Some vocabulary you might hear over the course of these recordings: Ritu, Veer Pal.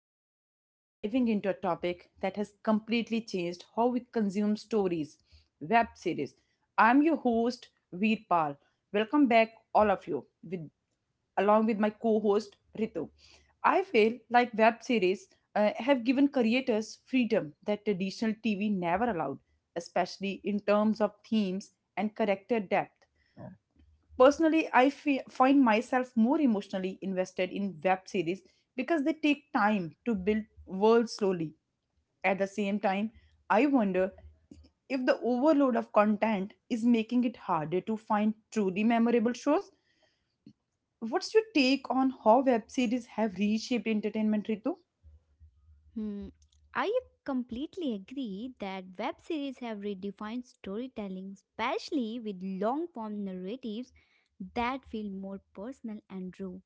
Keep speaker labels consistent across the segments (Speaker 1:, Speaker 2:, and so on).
Speaker 1: And today we are diving into a topic that has completely changed how we consume stories, web series. I'm your host, Veer Pal. Welcome back, all of you, with, along with my co host, Ritu. I feel like web series have given creators freedom that traditional TV never allowed, especially in terms of themes and character depth. Personally, find myself more emotionally invested in web series because they take time to build worlds slowly. At the same time, I wonder if the overload of content is making it harder to find truly memorable shows. What's your take on how web series have reshaped entertainment, Ritu?
Speaker 2: Hmm. I completely agree that web series have redefined storytelling, especially with long form narratives that feel more personal and true.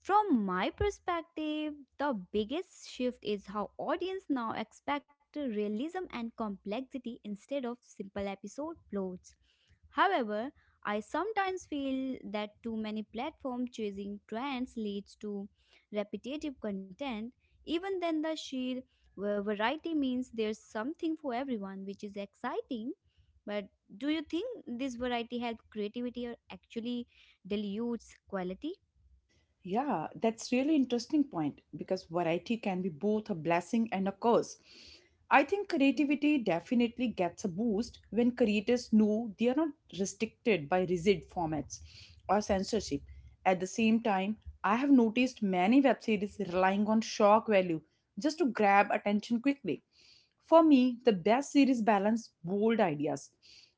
Speaker 2: From my perspective, the biggest shift is how audience now expect realism and complexity instead of simple episode plots. However, I sometimes feel that too many platform chasing trends leads to repetitive content. Even then, the sheer variety means there's something for everyone, which is exciting. But do you think this variety helps creativity or actually dilutes quality?
Speaker 1: Yeah, that's really interesting point because variety can be both a blessing and a curse. I think
Speaker 2: Hmm.
Speaker 1: creativity definitely gets a boost when creators know they are not restricted by rigid formats or censorship. At the same time, I have noticed many web series relying on shock value just to grab attention quickly. For me, the best series balance bold ideas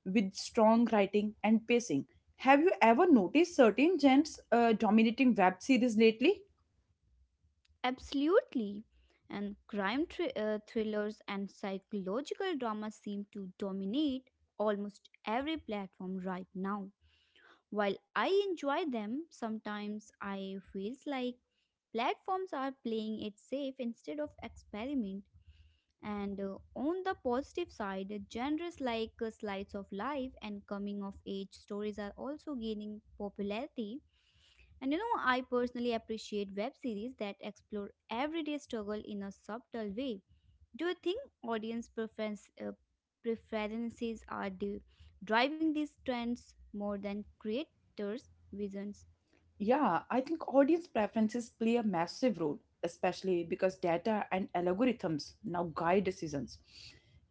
Speaker 1: with strong writing and pacing. Have you ever noticed certain genres dominating web series lately?
Speaker 2: Absolutely. And thrillers and psychological dramas seem to dominate almost every platform right now. While I enjoy them, sometimes I feels like platforms are playing it safe instead of experiment. And on the positive side, genres like slides of life and coming of age stories are also gaining popularity. And you know, I personally appreciate web series that explore everyday struggle in a subtle way. Do you think preferences are driving these trends more than creators' visions?
Speaker 1: Yeah, I think audience preferences play a massive role, especially because data and algorithms now guide decisions.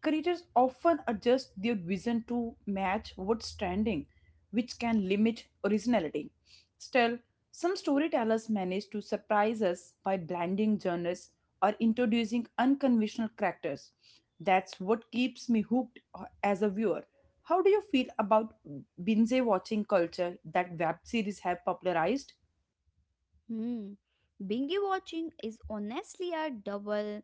Speaker 1: Creators often adjust their vision to match what's trending, which can limit originality. Still, some storytellers manage to surprise us by blending genres or introducing unconventional characters. That's what keeps me hooked as a viewer. How do you feel about binge watching culture that web series have popularized?
Speaker 2: Hmm. Bingy watching is honestly a double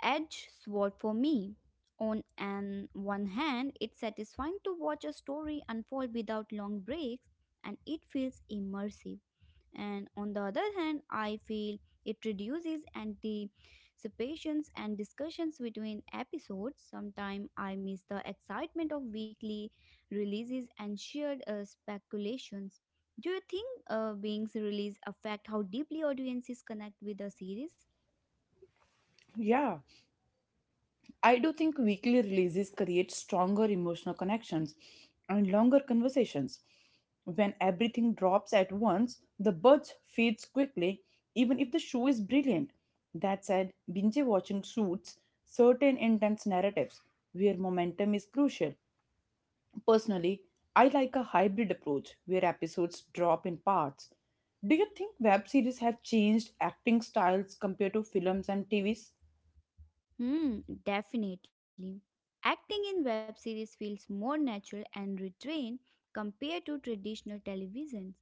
Speaker 2: edged sword for me. On an one hand, it's satisfying to watch a story unfold without long breaks, and it feels immersive. And on the other hand, I feel it reduces anticipations and discussions between episodes. Sometimes I miss the excitement of weekly releases and shared speculations. Do you think being's release affect how deeply audiences connect with the series?
Speaker 1: Yeah, I do think weekly releases create stronger emotional connections and longer conversations. When everything drops at once, the buzz fades quickly, even if the show is brilliant. That said, binge watching suits certain intense narratives where momentum is crucial. Personally, I like a hybrid approach where episodes drop in parts. Do you think web series have changed acting styles compared to films and TVs?
Speaker 2: Hmm, definitely. Acting in web series feels more natural and restrained compared to traditional television.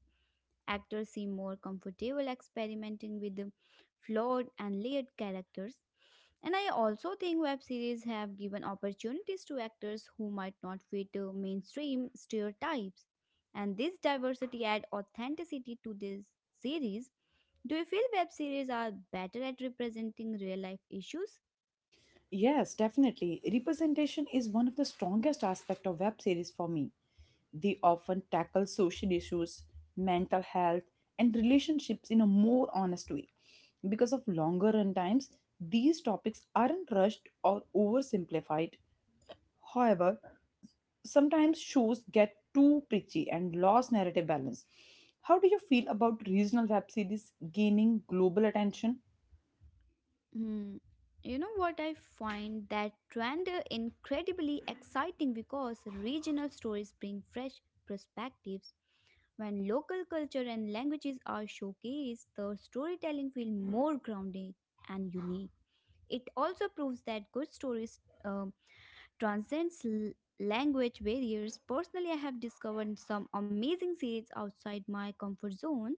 Speaker 2: Actors seem more comfortable experimenting with the flawed and layered characters. And I also think web series have given opportunities to actors who might not fit mainstream stereotypes. And this diversity add authenticity to this series. Do you feel web series are better at representing real life issues?
Speaker 1: Yes, definitely. Representation is one of the strongest aspects of web series for me. They often tackle social issues, mental health, and relationships in a more honest way. Because of longer runtimes, these topics aren't rushed or oversimplified. However, sometimes shows get too preachy and lost narrative balance. How do you feel about regional web series gaining global attention?
Speaker 2: Hmm. You know what? I find that trend incredibly exciting because regional stories bring fresh perspectives. When local culture and languages are showcased, the storytelling feels more grounded and unique. It also proves that good stories transcends language barriers. Personally, I have discovered some amazing series outside my comfort zone,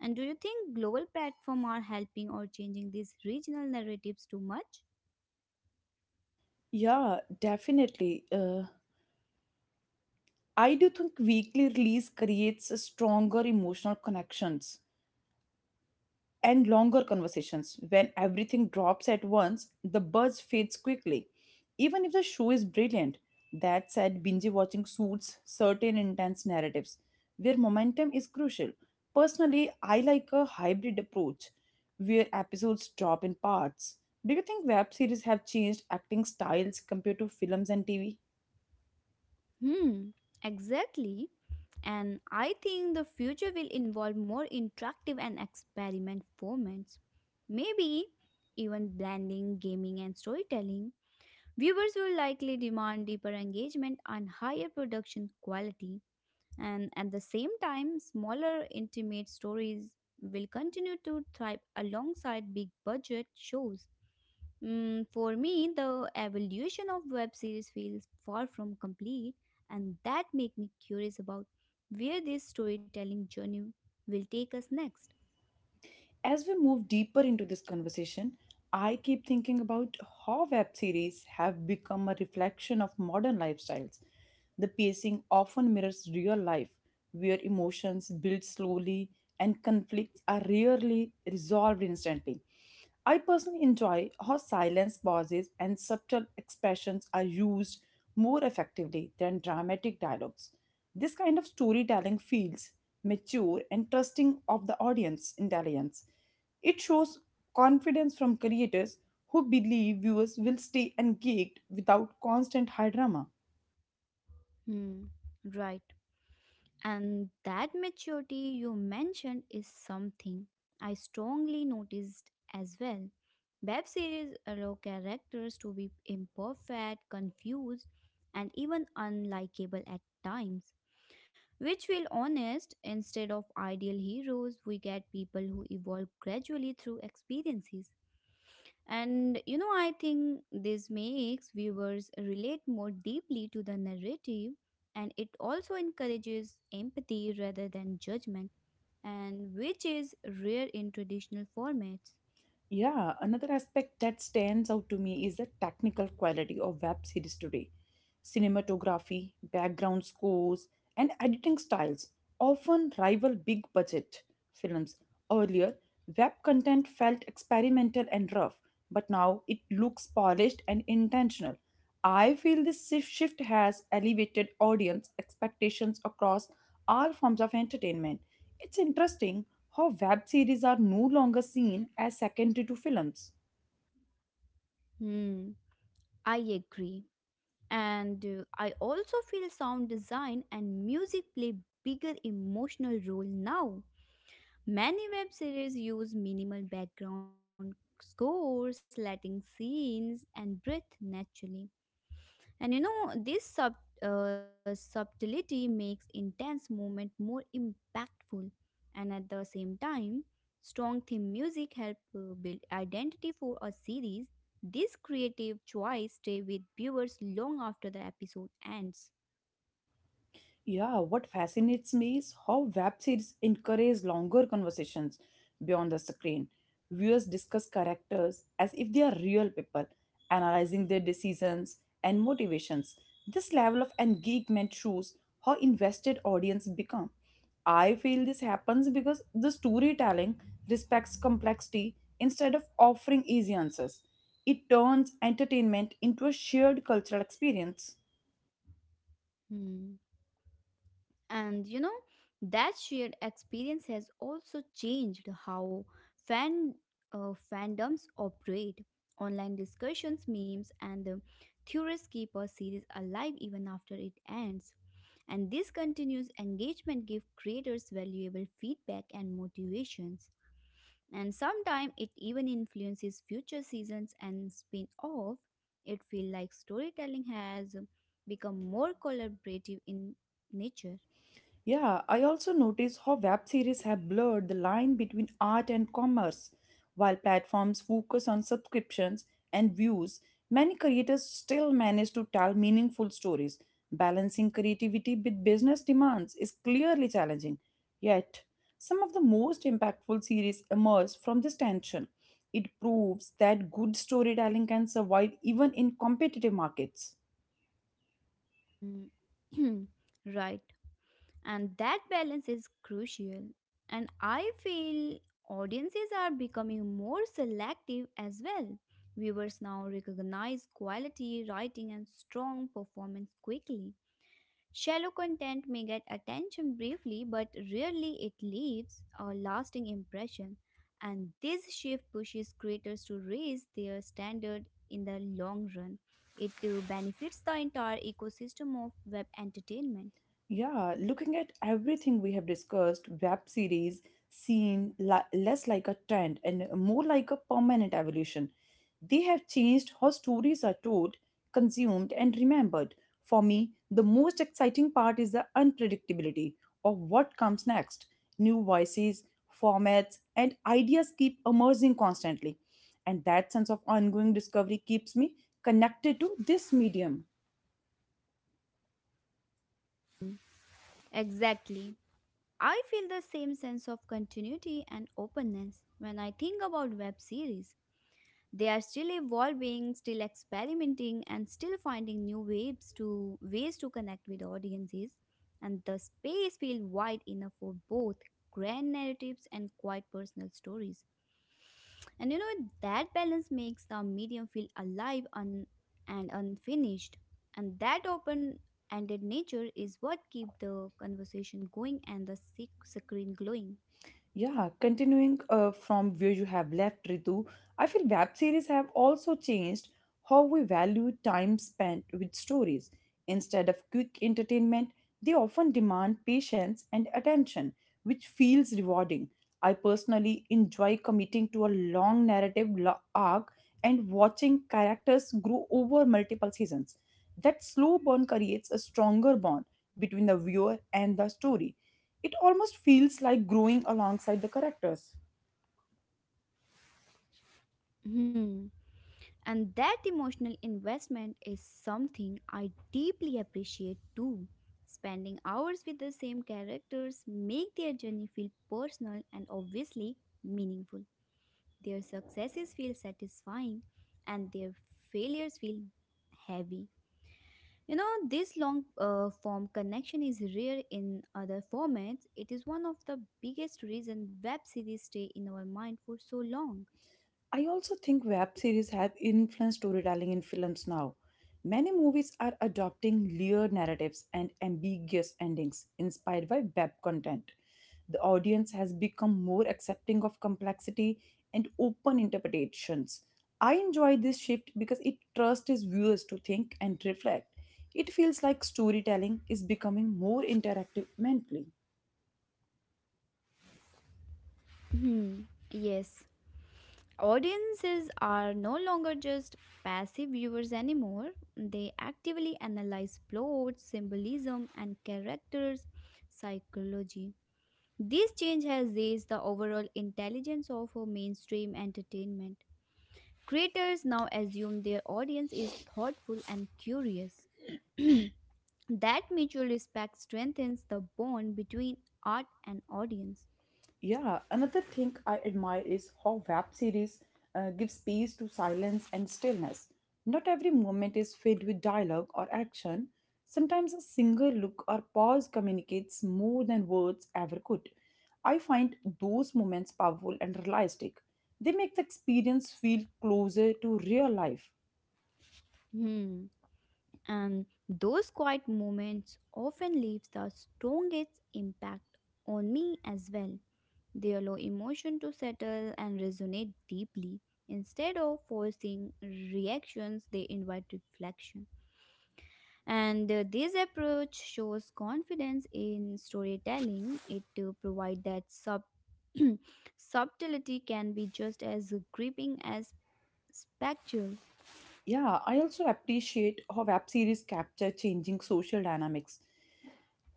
Speaker 2: and do you think global platforms are helping or changing these regional narratives too much?
Speaker 1: Yeah, definitely. I do think weekly release creates a stronger emotional connections and longer conversations. When everything drops at once, the buzz fades quickly, even if the show is brilliant. That said, binge watching suits certain intense narratives where momentum is crucial. Personally, I like a hybrid approach where episodes drop in parts. Do you think web series have changed acting styles compared to films and TV?
Speaker 2: Hmm, exactly. And I think the future will involve more interactive and experiment formats. Maybe even blending gaming and storytelling. Viewers will likely demand deeper engagement and higher production quality. And at the same time, smaller, intimate stories will continue to thrive alongside big budget shows. For me, the evolution of web series feels far from complete, and that make me curious about where this storytelling journey will take us next.
Speaker 1: As we move deeper into this conversation, I keep thinking about how web series have become a reflection of modern lifestyles. The pacing often mirrors real life, where emotions build slowly and conflicts are rarely resolved instantly. I personally enjoy how silence, pauses, and subtle expressions are used more effectively than dramatic dialogues. This kind of storytelling feels mature, and trusting of the audience intelligence. It shows confidence from creators who believe viewers will stay engaged without constant high drama.
Speaker 2: Hmm, right. And that maturity you mentioned is something I strongly noticed as well. Web series allow characters to be imperfect, confused, and even unlikable at times, which feel honest. Instead of ideal heroes, we get people who evolve gradually through experiences. And you know, I think this makes viewers relate more deeply to the narrative, and it also encourages empathy rather than judgment, and which is rare in traditional formats.
Speaker 1: Yeah, another aspect that stands out to me is the technical quality of web series today. Cinematography, background scores, and editing styles often rival big budget films. Earlier, web content felt experimental and rough, but now it looks polished and intentional. I feel this shift has elevated audience expectations across all forms of entertainment. It's interesting how web series are no longer seen as secondary to films.
Speaker 2: Hmm, I agree. And I also feel sound design and music play bigger emotional role now. Many web series use minimal background scores, letting scenes and breathe naturally. And you know, this subtlety makes intense moment more impactful. And at the same time, strong theme music help build identity for a series. This creative choice stay with viewers long after the episode ends.
Speaker 1: Yeah, what fascinates me is how web series encourage longer conversations beyond the screen. Viewers discuss characters as if they are real people, analyzing their decisions and motivations. This level of engagement shows how invested audience become. I feel this happens because the storytelling respects complexity instead of offering easy answers. It turns entertainment into a shared cultural experience.
Speaker 2: Hmm. And you know, that shared experience has also changed how fan fandoms operate. Online discussions, memes, and the theories keep a series alive even after it ends. And this continuous engagement gives creators valuable feedback and motivations. And sometimes it even influences future seasons and spin-off. It feels like storytelling has become more collaborative in nature.
Speaker 1: Yeah, I also notice how web series have blurred the line between art and commerce. While platforms focus on subscriptions and views, many creators still manage to tell meaningful stories. Balancing creativity with business demands is clearly challenging. Yet, some of the most impactful series emerge from this tension. It proves that good storytelling can survive even in competitive markets.
Speaker 2: Hmm. Right. And that balance is crucial. And I feel audiences are becoming more selective as well. Viewers now recognize quality writing and strong performance quickly. Shallow content may get attention briefly, but rarely it leaves a lasting impression. And this shift pushes creators to raise their standard in the long run. It benefits the entire ecosystem of web entertainment.
Speaker 1: Yeah, looking at everything we have discussed, web series less like a trend and more like a permanent evolution. They have changed how stories are told, consumed, and remembered. For me, the most exciting part is the unpredictability of what comes next. New voices, formats, and ideas keep emerging constantly. And that sense of ongoing discovery keeps me connected to this medium.
Speaker 2: Hmm, exactly. I feel the same sense of continuity and openness when I think about web series. They are still evolving, still experimenting, and still finding new ways to connect with audiences. And the space feels wide enough for both grand narratives and quite personal stories. And you know that balance makes the medium feel alive and unfinished. And that open-ended nature is what keeps the conversation going and the screen glowing.
Speaker 1: Yeah, continuing from where you have left, Ritu, I feel web series have also changed how we value time spent with stories. Instead of quick entertainment, they often demand patience and attention, which feels rewarding. I personally enjoy committing to a long narrative arc and watching characters grow over multiple seasons. That slow burn creates a stronger bond between the viewer and the story. It almost feels like growing alongside the characters.
Speaker 2: Hmm. And that emotional investment is something I deeply appreciate too. Spending hours with the same characters make their journey feel personal and obviously meaningful. Their successes feel satisfying and their failures feel heavy. You know, this long form connection is rare in other formats. It is one of the biggest reasons web series stay in our mind for so long.
Speaker 1: I also think web series have influenced storytelling in films now. Many movies are adopting layered narratives and ambiguous endings inspired by web content. The audience has become more accepting of complexity and open interpretations. I enjoy this shift because it trusts its viewers to think and reflect. It feels like storytelling is becoming more interactive mentally.
Speaker 2: Hmm. Yes, audiences are no longer just passive viewers anymore. They actively analyze plots, symbolism, and characters' psychology. This change has raised the overall intelligence of mainstream entertainment. Creators now assume their audience is thoughtful and curious. That mutual respect strengthens the bond between art and audience.
Speaker 1: Yeah, another thing I admire is how web series give space to silence and stillness. Not every moment is filled with dialogue or action. Sometimes a single look or pause communicates more than words ever could. I find those moments powerful and realistic. They make the experience feel closer to real life.
Speaker 2: Hmm. And those quiet moments often leaves the strongest impact on me as well. They allow emotion to settle and resonate deeply. Instead of forcing reactions, they invite reflection. And this approach shows confidence in storytelling. It to provide that sub subtlety can be just as gripping as spectral.
Speaker 1: Yeah, I also appreciate how web series capture changing social dynamics.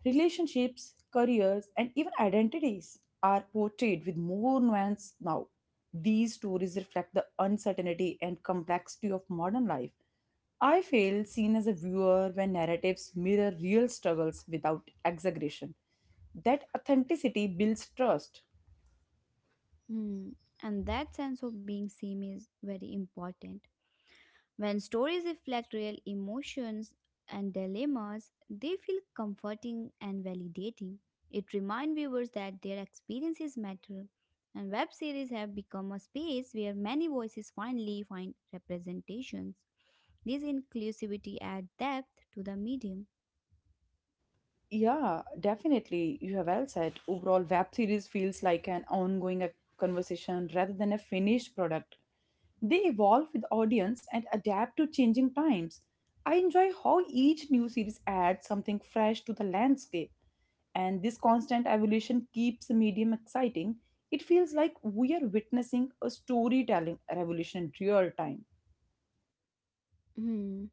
Speaker 1: Relationships, careers, and even identities are portrayed with more nuance now. These stories reflect the uncertainty and complexity of modern life. I feel seen as a viewer when narratives mirror real struggles without exaggeration. That authenticity builds trust.
Speaker 2: Hmm. And that sense of being seen is very important. When stories reflect real emotions and dilemmas, they feel comforting and validating. It reminds viewers that their experiences matter, and web series have become a space where many voices finally find representations. This inclusivity adds depth to the medium.
Speaker 1: Yeah, definitely. You have well said. Overall, web series feels like an ongoing conversation rather than a finished product. They evolve with audience and adapt to changing times. I enjoy how each new series adds something fresh to the landscape, and this constant evolution keeps the medium exciting. It feels like we are witnessing a storytelling revolution in real time.
Speaker 2: Hmm.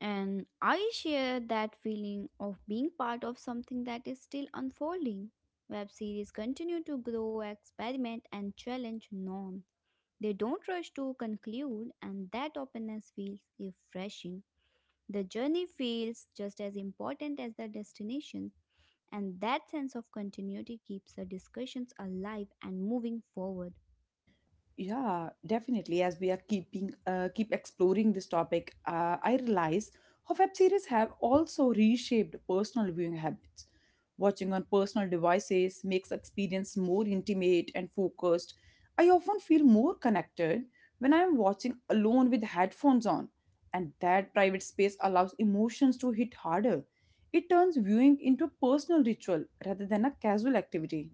Speaker 2: And I share that feeling of being part of something that is still unfolding. Web series continue to grow, experiment, and challenge norms. They don't rush to conclude, and that openness feels refreshing. The journey feels just as important as the destination, and that sense of continuity keeps the discussions alive and moving forward.
Speaker 1: Yeah, definitely. As we are keeping keep exploring this topic, I realize how web series have also reshaped personal viewing habits. Watching on personal devices makes experience more intimate and focused. I often feel more connected when I am watching alone with headphones on, and that private space allows emotions to hit harder. It turns viewing into a personal ritual rather than a casual activity.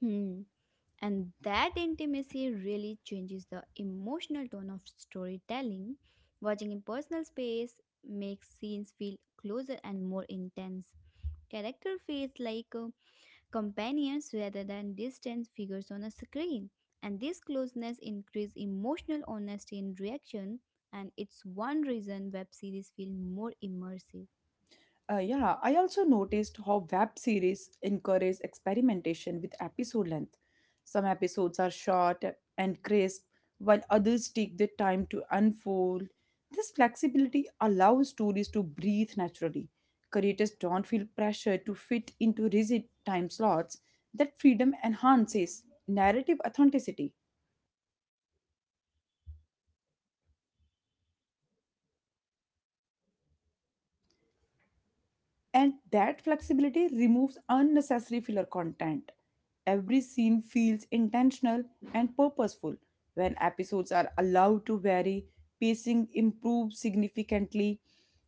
Speaker 2: Hmm. And that intimacy really changes the emotional tone of storytelling. Watching in personal space makes scenes feel closer and more intense. Character feels like companions rather than distant figures on a screen. And this closeness increases emotional honesty in reaction, and it's one reason web series feel more immersive.
Speaker 1: Yeah, I also noticed how web series encourage experimentation with episode length. Some episodes are short and crisp, while others take their time to unfold. This flexibility allows stories to breathe naturally. Creators don't feel pressure to fit into rigid time slots. That freedom enhances narrative authenticity. And that flexibility removes unnecessary filler content. Every scene feels intentional and purposeful. When episodes are allowed to vary, pacing improves significantly.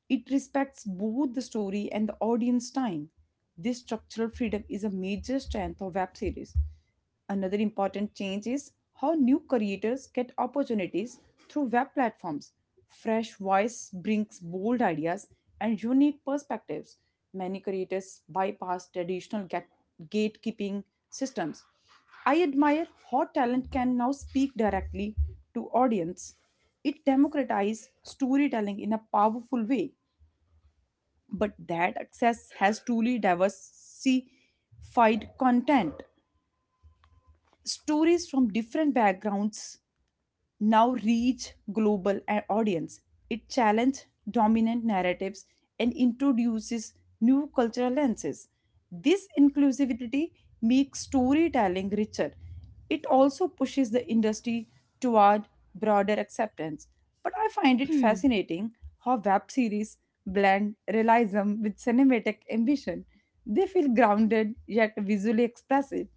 Speaker 1: It respects both the story and the audience time. This structural freedom is a major strength of web series. Another important change is how new creators get opportunities through web platforms. Fresh voice brings bold ideas and unique perspectives. Many creators bypass traditional gatekeeping systems. I admire how talent can now speak directly to audience. It democratizes storytelling in a powerful way, but that access has truly diversified content. Stories from different backgrounds now reach global audience. It challenges dominant narratives and introduces new cultural lenses. This inclusivity makes storytelling richer. It also pushes the industry toward broader acceptance. But I find it fascinating how web series blend realism with cinematic ambition. They feel grounded yet visually expressive,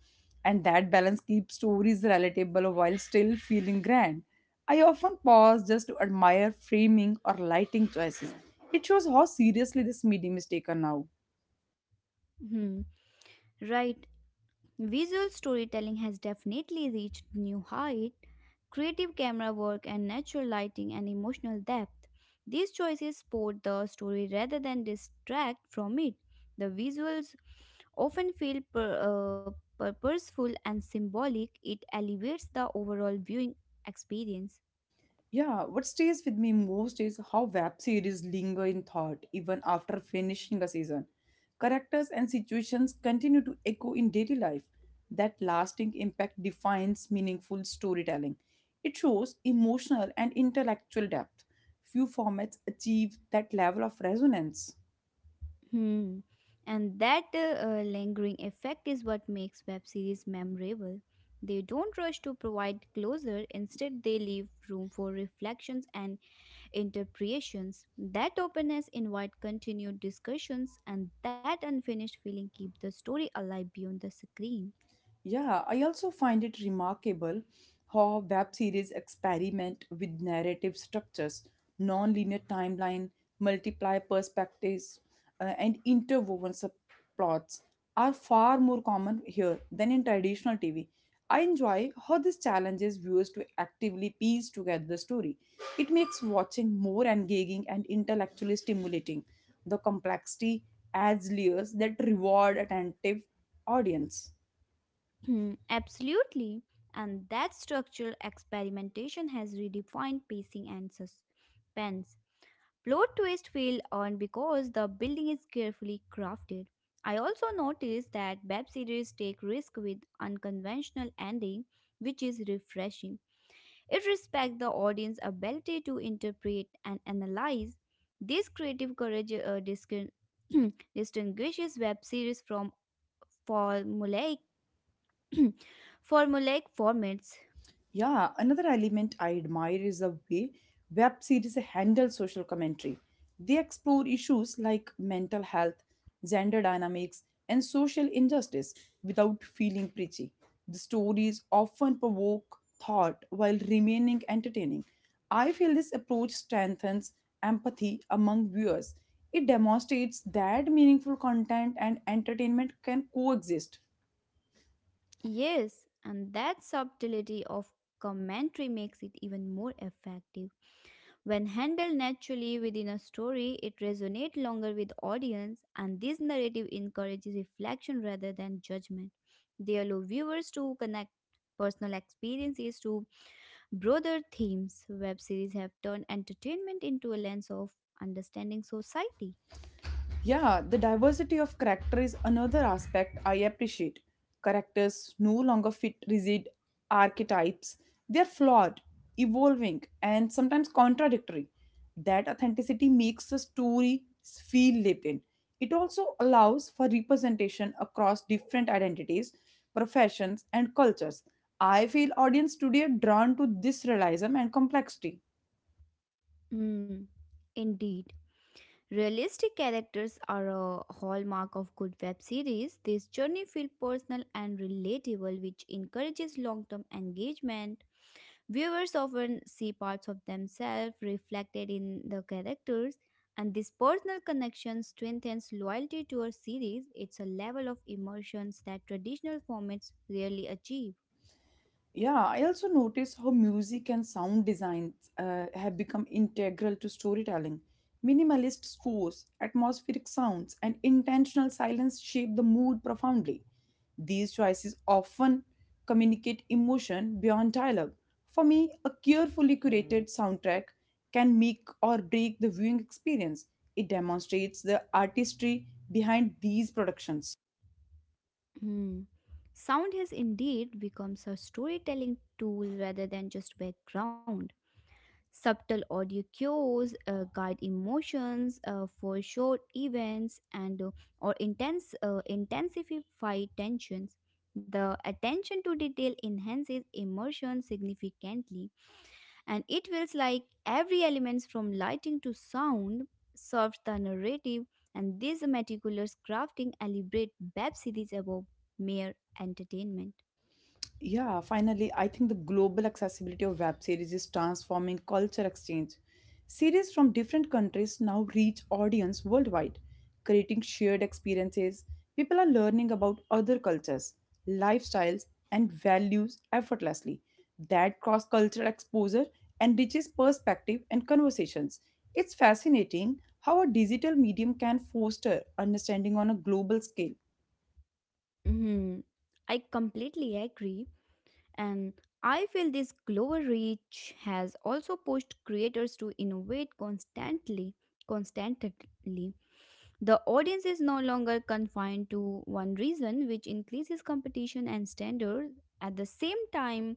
Speaker 1: and that balance keeps stories relatable while still feeling grand. I often pause just to admire framing or lighting choices. It shows how seriously this medium is taken now.
Speaker 2: Hmm, right. Visual storytelling has definitely reached new height. Creative camera work and natural lighting and emotional depth. These choices support the story rather than distract from it. The visuals often feel purposeful and symbolic. It elevates the overall viewing experience.
Speaker 1: Yeah, what stays with me most is how web series linger in thought even after finishing a season. Characters and situations continue to echo in daily life. That lasting impact defines meaningful storytelling. It shows emotional and intellectual depth. Few formats achieve that level of resonance.
Speaker 2: Hmm. And that lingering effect is what makes web series memorable. They don't rush to provide closure; instead, they leave room for reflections and interpretations. That openness invites continued discussions, and that unfinished feeling keeps the story alive beyond the screen.
Speaker 1: Yeah, I also find it remarkable how web series experiment with narrative structures, non-linear timeline, multiply perspectives, and interwoven subplots are far more common here than in traditional TV. I enjoy how this challenges viewers to actively piece together the story. It makes watching more engaging and intellectually stimulating. The complexity adds layers that reward attentive audience.
Speaker 2: Hmm, absolutely. And that structural experimentation has redefined pacing and suspense. Plot twist feel on because the building is carefully crafted. I also noticed that web series take risk with unconventional ending, which is refreshing. It respects the audience ability to interpret and analyze. This creative courage distinguishes web series from formulaic formulaic formats.
Speaker 1: Yeah, another element I admire is the way web series handle social commentary. They explore issues like mental health, gender dynamics, and social injustice without feeling preachy. The stories often provoke thought while remaining entertaining. I feel this approach strengthens empathy among viewers. It demonstrates that meaningful content and entertainment can coexist.
Speaker 2: Yes, and that subtlety of commentary makes it even more effective. When handled naturally within a story, it resonates longer with audience, and this narrative encourages reflection rather than judgment. They allow viewers to connect personal experiences to broader themes. Web series have turned entertainment into a lens of understanding society.
Speaker 1: Yeah, the diversity of character is another aspect I appreciate. Characters no longer fit rigid archetypes. They're flawed, evolving, and sometimes contradictory. That authenticity makes the story feel lived in. It also allows for representation across different identities, professions, and cultures. I feel audience today are drawn to this realism and complexity.
Speaker 2: Hmm, indeed. Realistic characters are a hallmark of good web series. This journey feels personal and relatable, which encourages long term engagement. Viewers often see parts of themselves reflected in the characters, and this personal connection strengthens loyalty to a series. It's a level of emotions that traditional formats rarely achieve.
Speaker 1: Yeah, I also notice how music and sound designs have become integral to storytelling. Minimalist scores, atmospheric sounds, and intentional silence shape the mood profoundly. These choices often communicate emotion beyond dialogue. For me, a carefully curated soundtrack can make or break the viewing experience. It demonstrates the artistry behind these productions.
Speaker 2: Hmm. Sound has indeed become a storytelling tool rather than just background. Subtle audio cues guide emotions for short events and or intense intensify tensions. The attention to detail enhances immersion significantly, and it feels like every element from lighting to sound serves the narrative. And this meticulous crafting elaborate web series above mere entertainment.
Speaker 1: Yeah, finally, I think the global accessibility of web series is transforming culture exchange. Series from different countries now reach audience worldwide, creating shared experiences. People are learning about other cultures, lifestyles, and values effortlessly. That cross cultural exposure enriches perspective and conversations. It's fascinating how a digital medium can foster understanding on a global scale.
Speaker 2: Mhm. I completely agree. And I feel this global reach has also pushed creators to innovate constantly. Constantly, the audience is no longer confined to one reason, which increases competition and standards. At the same time,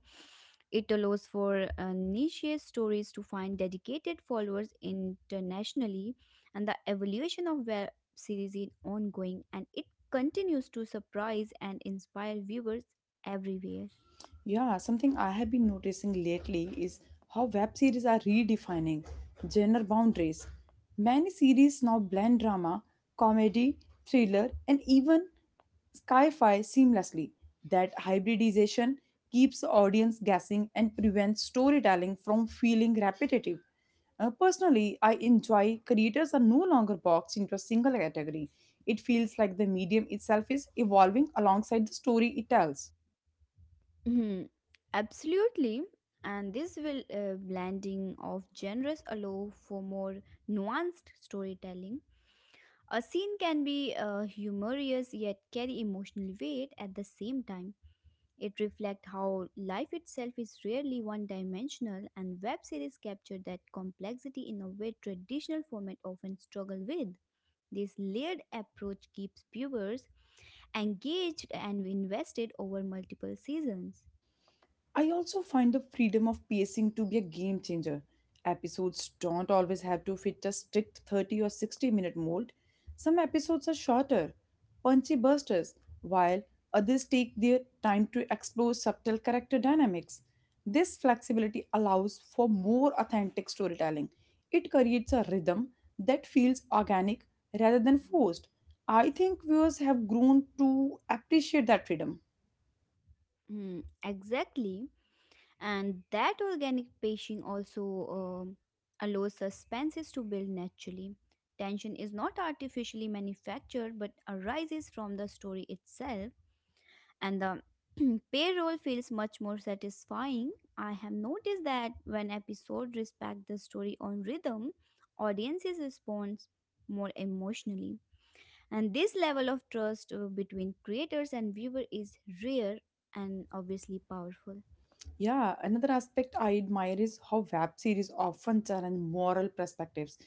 Speaker 2: it allows for niche stories to find dedicated followers internationally, and the evolution of web series is ongoing, and it continues to surprise and inspire viewers everywhere.
Speaker 1: Yeah, something I have been noticing lately is how web series are redefining genre boundaries. Many series now blend drama, comedy, thriller, and even sci-fi seamlessly. That hybridization keeps the audience guessing and prevents storytelling from feeling repetitive. Personally, I enjoy creators are no longer boxed into a single category. It feels like the medium itself is evolving alongside the story it tells.
Speaker 2: Mhm, absolutely. And this will blending of genres allow for more nuanced storytelling. A scene can be humorous yet carry emotional weight at the same time. It reflects how life itself is rarely one-dimensional, and web series capture that complexity in a way traditional format often struggle with. This layered approach keeps viewers engaged and invested over multiple seasons.
Speaker 1: I also find the freedom of pacing to be a game changer. Episodes don't always have to fit a strict 30 or 60-minute mold. Some episodes are shorter, punchy busters, while others take their time to explore subtle character dynamics. This flexibility allows for more authentic storytelling. It creates a rhythm that feels organic rather than forced. I think viewers have grown to appreciate that freedom.
Speaker 2: Hmm, exactly. And that organic pacing also um allows suspenses to build naturally. Tension is not artificially manufactured but arises from the story itself, and the payroll feels much more satisfying. I have noticed that when episodes respect the story on rhythm, audiences respond more emotionally. And this level of trust, between creators and viewer is rare and obviously powerful.
Speaker 1: Yeah, another aspect I admire is how web series often challenge moral perspectives.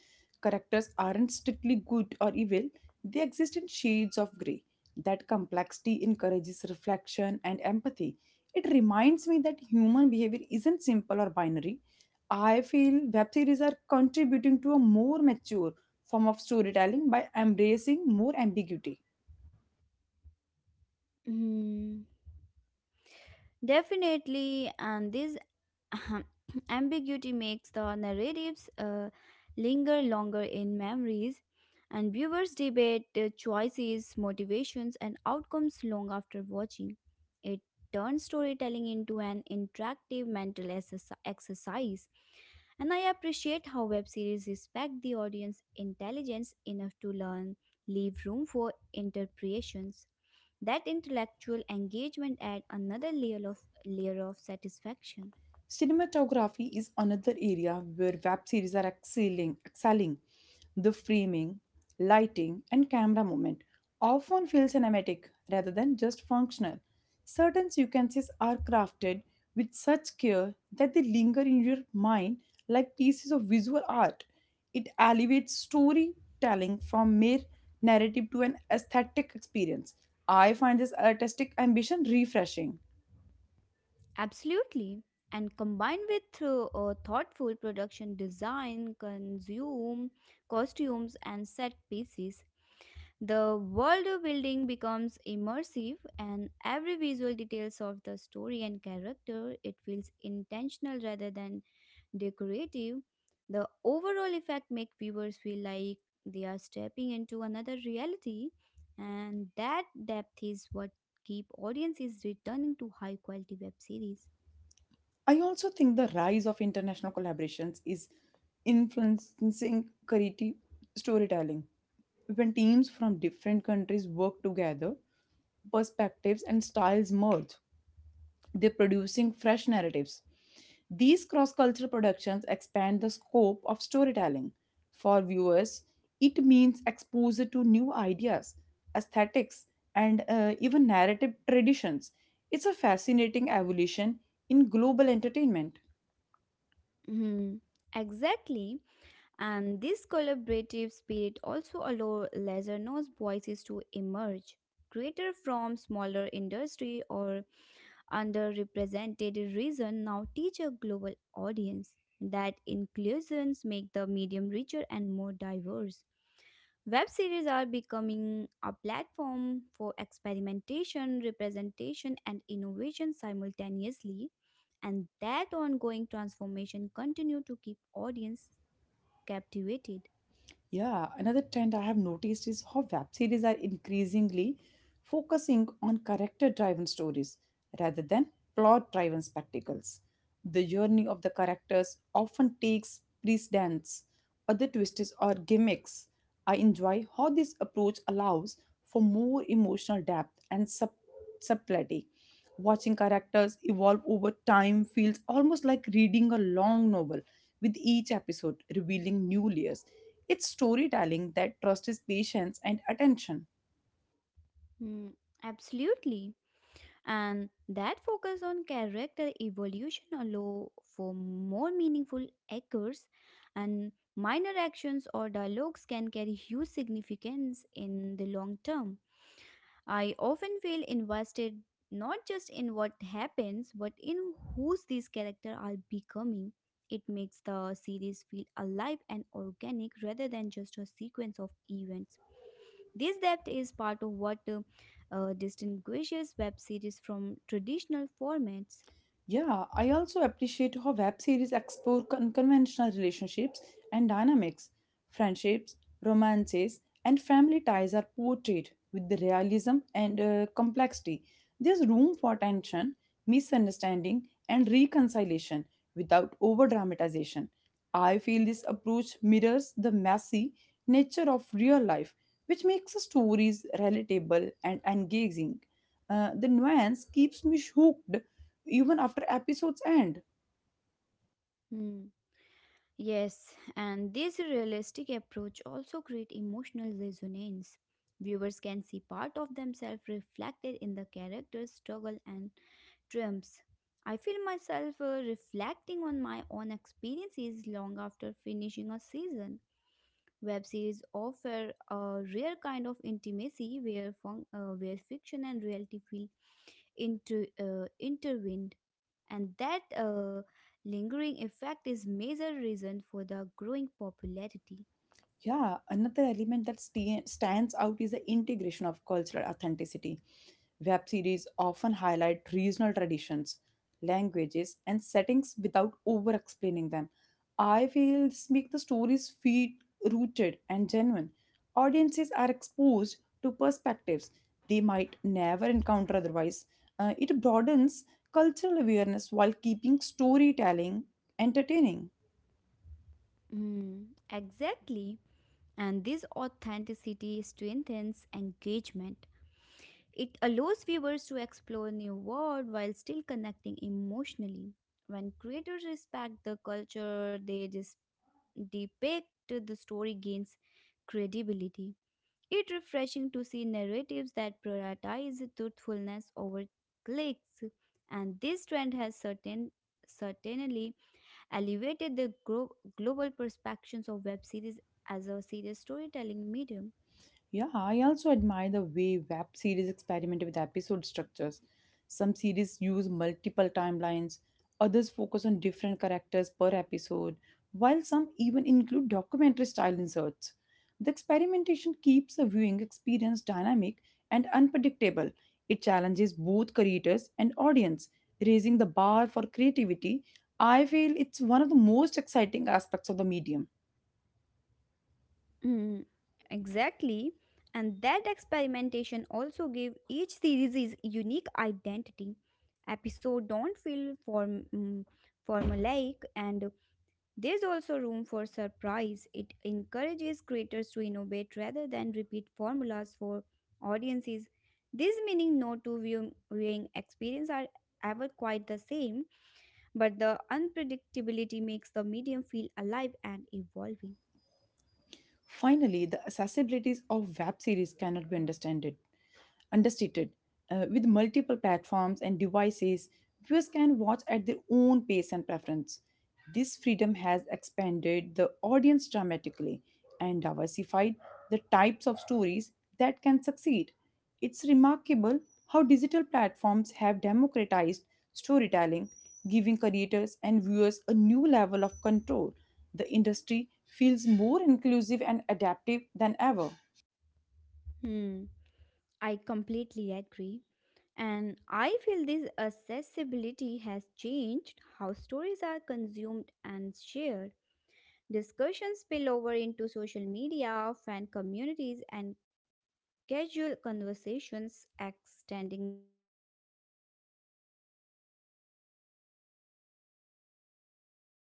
Speaker 1: Characters aren't strictly good or evil, they exist in shades of grey. That complexity encourages reflection and empathy. It reminds me that human behavior isn't simple or binary. I feel web series are contributing to a more mature form of storytelling by embracing more ambiguity.
Speaker 2: Mm, definitely, and this ambiguity makes the narratives linger longer in memories, and viewers debate choices, motivations, and outcomes long after watching. It turns storytelling into an interactive mental exercise, and I appreciate how web series respect the audience intelligence enough to learn, leave room for interpretations. That intellectual engagement adds another layer of satisfaction.
Speaker 1: Cinematography is another area where web series are excelling. The framing, lighting, and camera movement often feel cinematic rather than just functional. Certain sequences are crafted with such care that they linger in your mind like pieces of visual art. It elevates storytelling from mere narrative to an aesthetic experience. I find this artistic ambition refreshing.
Speaker 2: Absolutely. And combined with thoughtful production design, consume costumes and set pieces, the world building becomes immersive, and every visual details of the story and character it feels intentional rather than decorative. The overall effect make viewers feel like they are stepping into another reality, and that depth is what keep audiences returning to high quality web series.
Speaker 1: I also think the rise of international collaborations is influencing creative storytelling. When teams from different countries work together, perspectives and styles merge. They're producing fresh narratives. These cross cultural productions expand the scope of storytelling. For viewers, it means exposure to new ideas, aesthetics, and even narrative traditions. It's a fascinating evolution in global entertainment.
Speaker 2: Mhm. Exactly. And this collaborative spirit also allows lesser-known voices to emerge. Creators from smaller industry or underrepresented region now teach a global audience. That inclusions make the medium richer and more diverse. Web series are becoming a platform for experimentation, representation, and innovation simultaneously, and that ongoing transformation continue to keep audience captivated.
Speaker 1: Yeah, another trend I have noticed is how web series are increasingly focusing on character driven stories rather than plot driven spectacles. The journey of the characters often takes precedence, other twists or gimmicks. I enjoy how this approach allows for more emotional depth and subtlety. Watching characters evolve over time feels almost like reading a long novel, with each episode revealing new layers. It's storytelling that trusts patience and attention.
Speaker 2: Mm, absolutely. And that focus on character evolution allow for more meaningful echoes and minor actions or dialogues can carry huge significance in the long term. I often feel invested not just in what happens, but in whose these characters are becoming. It makes the series feel alive and organic rather than just a sequence of events. This depth is part of what distinguishes web series from traditional formats.
Speaker 1: Yeah, I also appreciate how web series explore unconventional relationships and dynamics. Friendships, romances, and family ties are portrayed with the realism and complexity. There's room for tension, misunderstanding, and reconciliation without over dramatization. I feel this approach mirrors the messy nature of real life, which makes the stories relatable and engaging. The nuance keeps me hooked even after episodes end.
Speaker 2: Hmm. Yes, and this realistic approach also creates emotional resonance. Viewers can see part of themselves reflected in the character's struggle and triumphs. I feel myself reflecting on my own experiences long after finishing a season. Web series offer a rare kind of intimacy where, where fiction and reality feel into intervened, and that lingering effect is major reason for the growing popularity.
Speaker 1: Yeah, another element that stands out is the integration of cultural authenticity. Web series often highlight regional traditions, languages, and settings without over explaining them. I feel this makes the stories feel rooted and genuine. Audiences are exposed to perspectives they might never encounter otherwise. It broadens cultural awareness while keeping storytelling entertaining.
Speaker 2: Mm, exactly, and this authenticity strengthens engagement. It allows viewers to explore new world while still connecting emotionally. When creators respect the culture they depict, the story gains credibility. It's refreshing to see narratives that prioritize truthfulness over clicks, and this trend has certainly elevated the global perspectives of web series as a serious storytelling medium.
Speaker 1: Yeah, I also admire the way web series experiment with episode structures. Some series use multiple timelines, others focus on different characters per episode, while some even include documentary style inserts. The experimentation keeps the viewing experience dynamic and unpredictable. It challenges both creators and audience, raising the bar for creativity. I feel it's one of the most exciting aspects of the medium.
Speaker 2: Mm, exactly. And that experimentation also gave each series its unique identity. Episodes don't feel formulaic, and there's also room for surprise. It encourages creators to innovate rather than repeat formulas for audiences. This meaning no two viewing experience are ever quite the same, but the unpredictability makes the medium feel alive and evolving.
Speaker 1: Finally, the accessibilities of web series cannot be understood. Understated. With multiple platforms and devices, viewers can watch at their own pace and preference. This freedom has expanded the audience dramatically and diversified the types of stories that can succeed. It's remarkable how digital platforms have democratized storytelling, giving creators and viewers a new level of control. The industry feels more inclusive and adaptive than ever.
Speaker 2: Hmm. I, I feel this accessibility has changed how stories are consumed and shared. Discussions spill over into social media, fan communities, and casual conversations, extending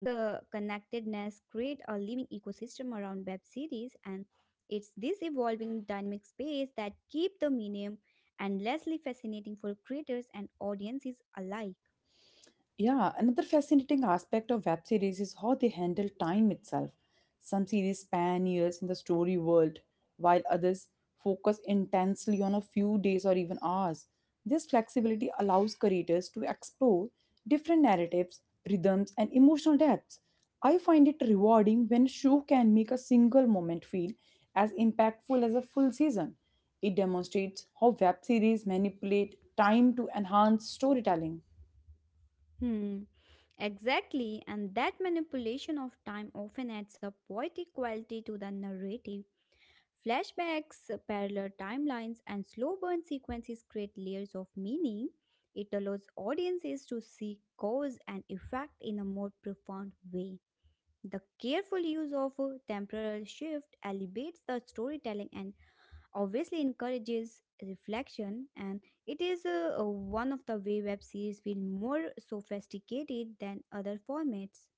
Speaker 2: the connectedness, create a living ecosystem around web series, and it's this evolving dynamic space that keep the medium endlessly fascinating for creators and audiences alike.
Speaker 1: Yeah, another fascinating aspect of web series is how they handle time itself. Some series span years in the story world, while others focus intensely on a few days or even hours. This flexibility allows creators to explore different narratives, rhythms, and emotional depths. I find it rewarding when a show can make a single moment feel as impactful as a full season. It demonstrates how web series manipulate time to enhance storytelling.
Speaker 2: Hmm, exactly, and that manipulation of time often adds a poetic quality to the narrative. Flashbacks, parallel timelines, and slow burn sequences create layers of meaning. It allows audiences to see cause and effect in a more profound way. The careful use of a temporal shift elevates the storytelling and obviously encourages reflection. And it is one of the way web series feel more sophisticated than other formats.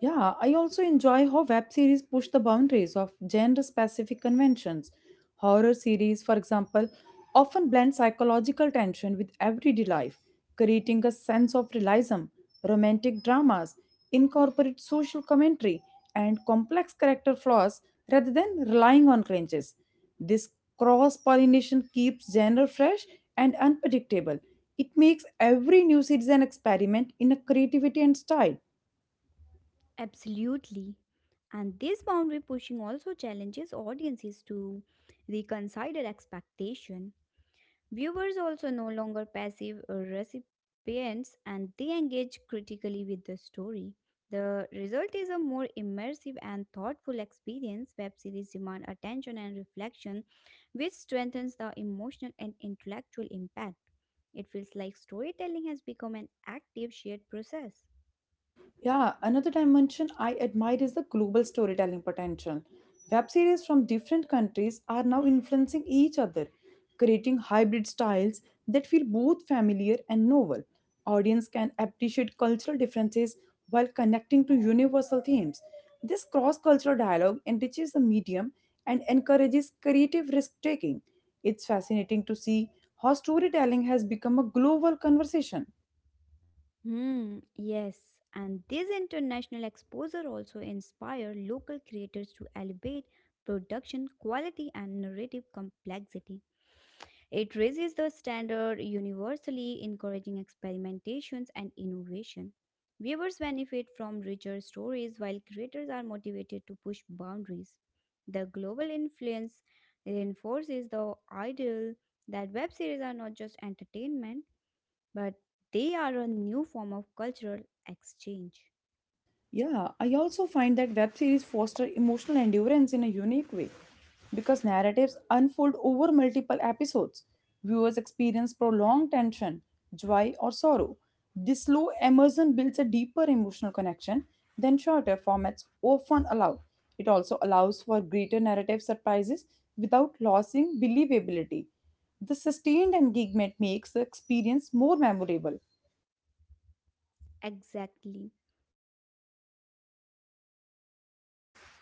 Speaker 1: Yeah, I also enjoy how web series push the boundaries of gender specific conventions. Horror series, for example, often blend psychological tension with everyday life, creating a sense of realism. Romantic dramas incorporate social commentary and complex character flaws rather than relying on cliches. This cross pollination keeps genre fresh and unpredictable. It makes every new series an experiment in a creativity and style.
Speaker 2: Absolutely. And this boundary pushing also challenges audiences to reconsider expectation. Viewers also no longer passive recipients and they engage critically with the story. The result is a more immersive and thoughtful experience. Web series demand attention and reflection, which strengthens the emotional and intellectual impact. It feels like storytelling has become an active shared process.
Speaker 1: Yeah, another dimension I admire is the global storytelling potential. Web series from different countries are now influencing each other, creating hybrid styles that feel both familiar and novel. Audience can appreciate cultural differences while connecting to universal themes. This cross-cultural dialogue enriches the medium and encourages creative risk-taking. It's fascinating to see how storytelling has become a global conversation.
Speaker 2: Hmm, yes, and this international exposure also inspire local creators to elevate production quality and narrative complexity. It raises the standard universally, encouraging experimentations and innovation. Viewers benefit from richer stories while creators are motivated to push boundaries. The global influence reinforces the ideal that web series are not just entertainment but they are a new form of cultural exchange.
Speaker 1: Yeah, I also find that web series foster emotional endurance in a unique way because narratives unfold over multiple episodes. Viewers experience prolonged tension, joy, or sorrow. This slow immersion builds a deeper emotional connection than shorter formats often allow. It also allows for greater narrative surprises without losing believability. The sustained engagement makes the experience more memorable.
Speaker 2: Exactly.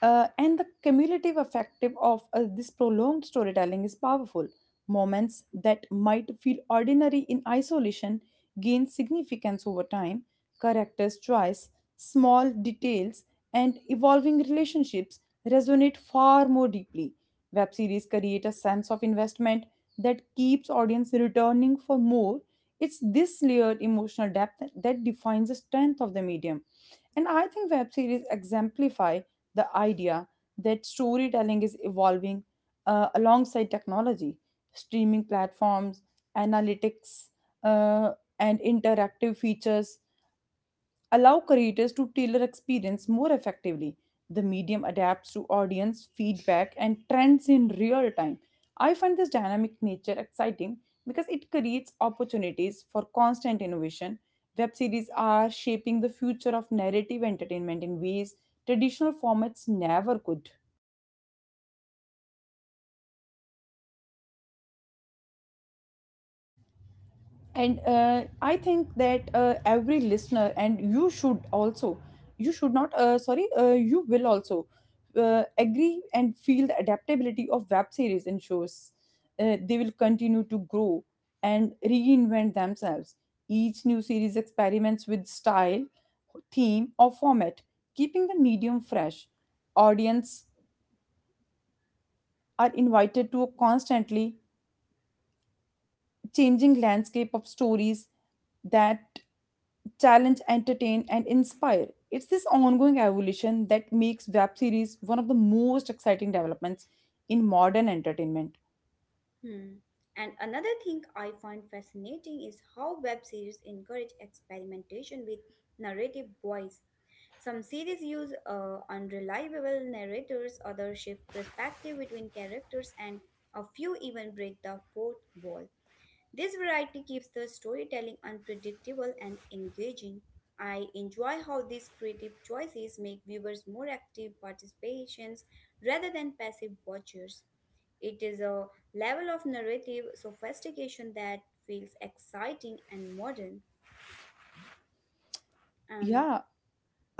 Speaker 1: And the cumulative effect of this prolonged storytelling is powerful. Moments that might feel ordinary in isolation gain significance over time. Characters' choice, small details, and evolving relationships resonate far more deeply. Web series create a sense of investment that keeps audience returning for more. It's this layered emotional depth that defines the strength of the medium. And I think web series exemplify the idea that storytelling is evolving alongside technology, streaming platforms, analytics, uh, and interactive features allow creators to tailor experience more effectively. The medium adapts to audience feedback and trends in real time. I find this dynamic nature exciting because it creates opportunities for constant innovation. Web series are shaping the future of narrative entertainment in ways traditional formats never could. And I think that every listener and you should also you should not sorry you will also agree and feel the adaptability of web series and shows, they will continue to grow and reinvent themselves. Each new series experiments with style, theme, or format, keeping the medium fresh. Audience are invited to constantly changing landscape of stories that challenge, entertain, and inspire. It's this ongoing evolution that makes web series one of the most exciting developments in modern entertainment.
Speaker 2: Hmm. And another thing I find fascinating is how web series encourage experimentation with narrative voice. Some series use unreliable narrators, others shift perspective between characters, and a few even break the fourth wall. This variety keeps the storytelling unpredictable and engaging. I enjoy how these creative choices make viewers more active participants rather than passive watchers. It is a level of narrative sophistication that feels exciting and modern. And
Speaker 1: Yeah.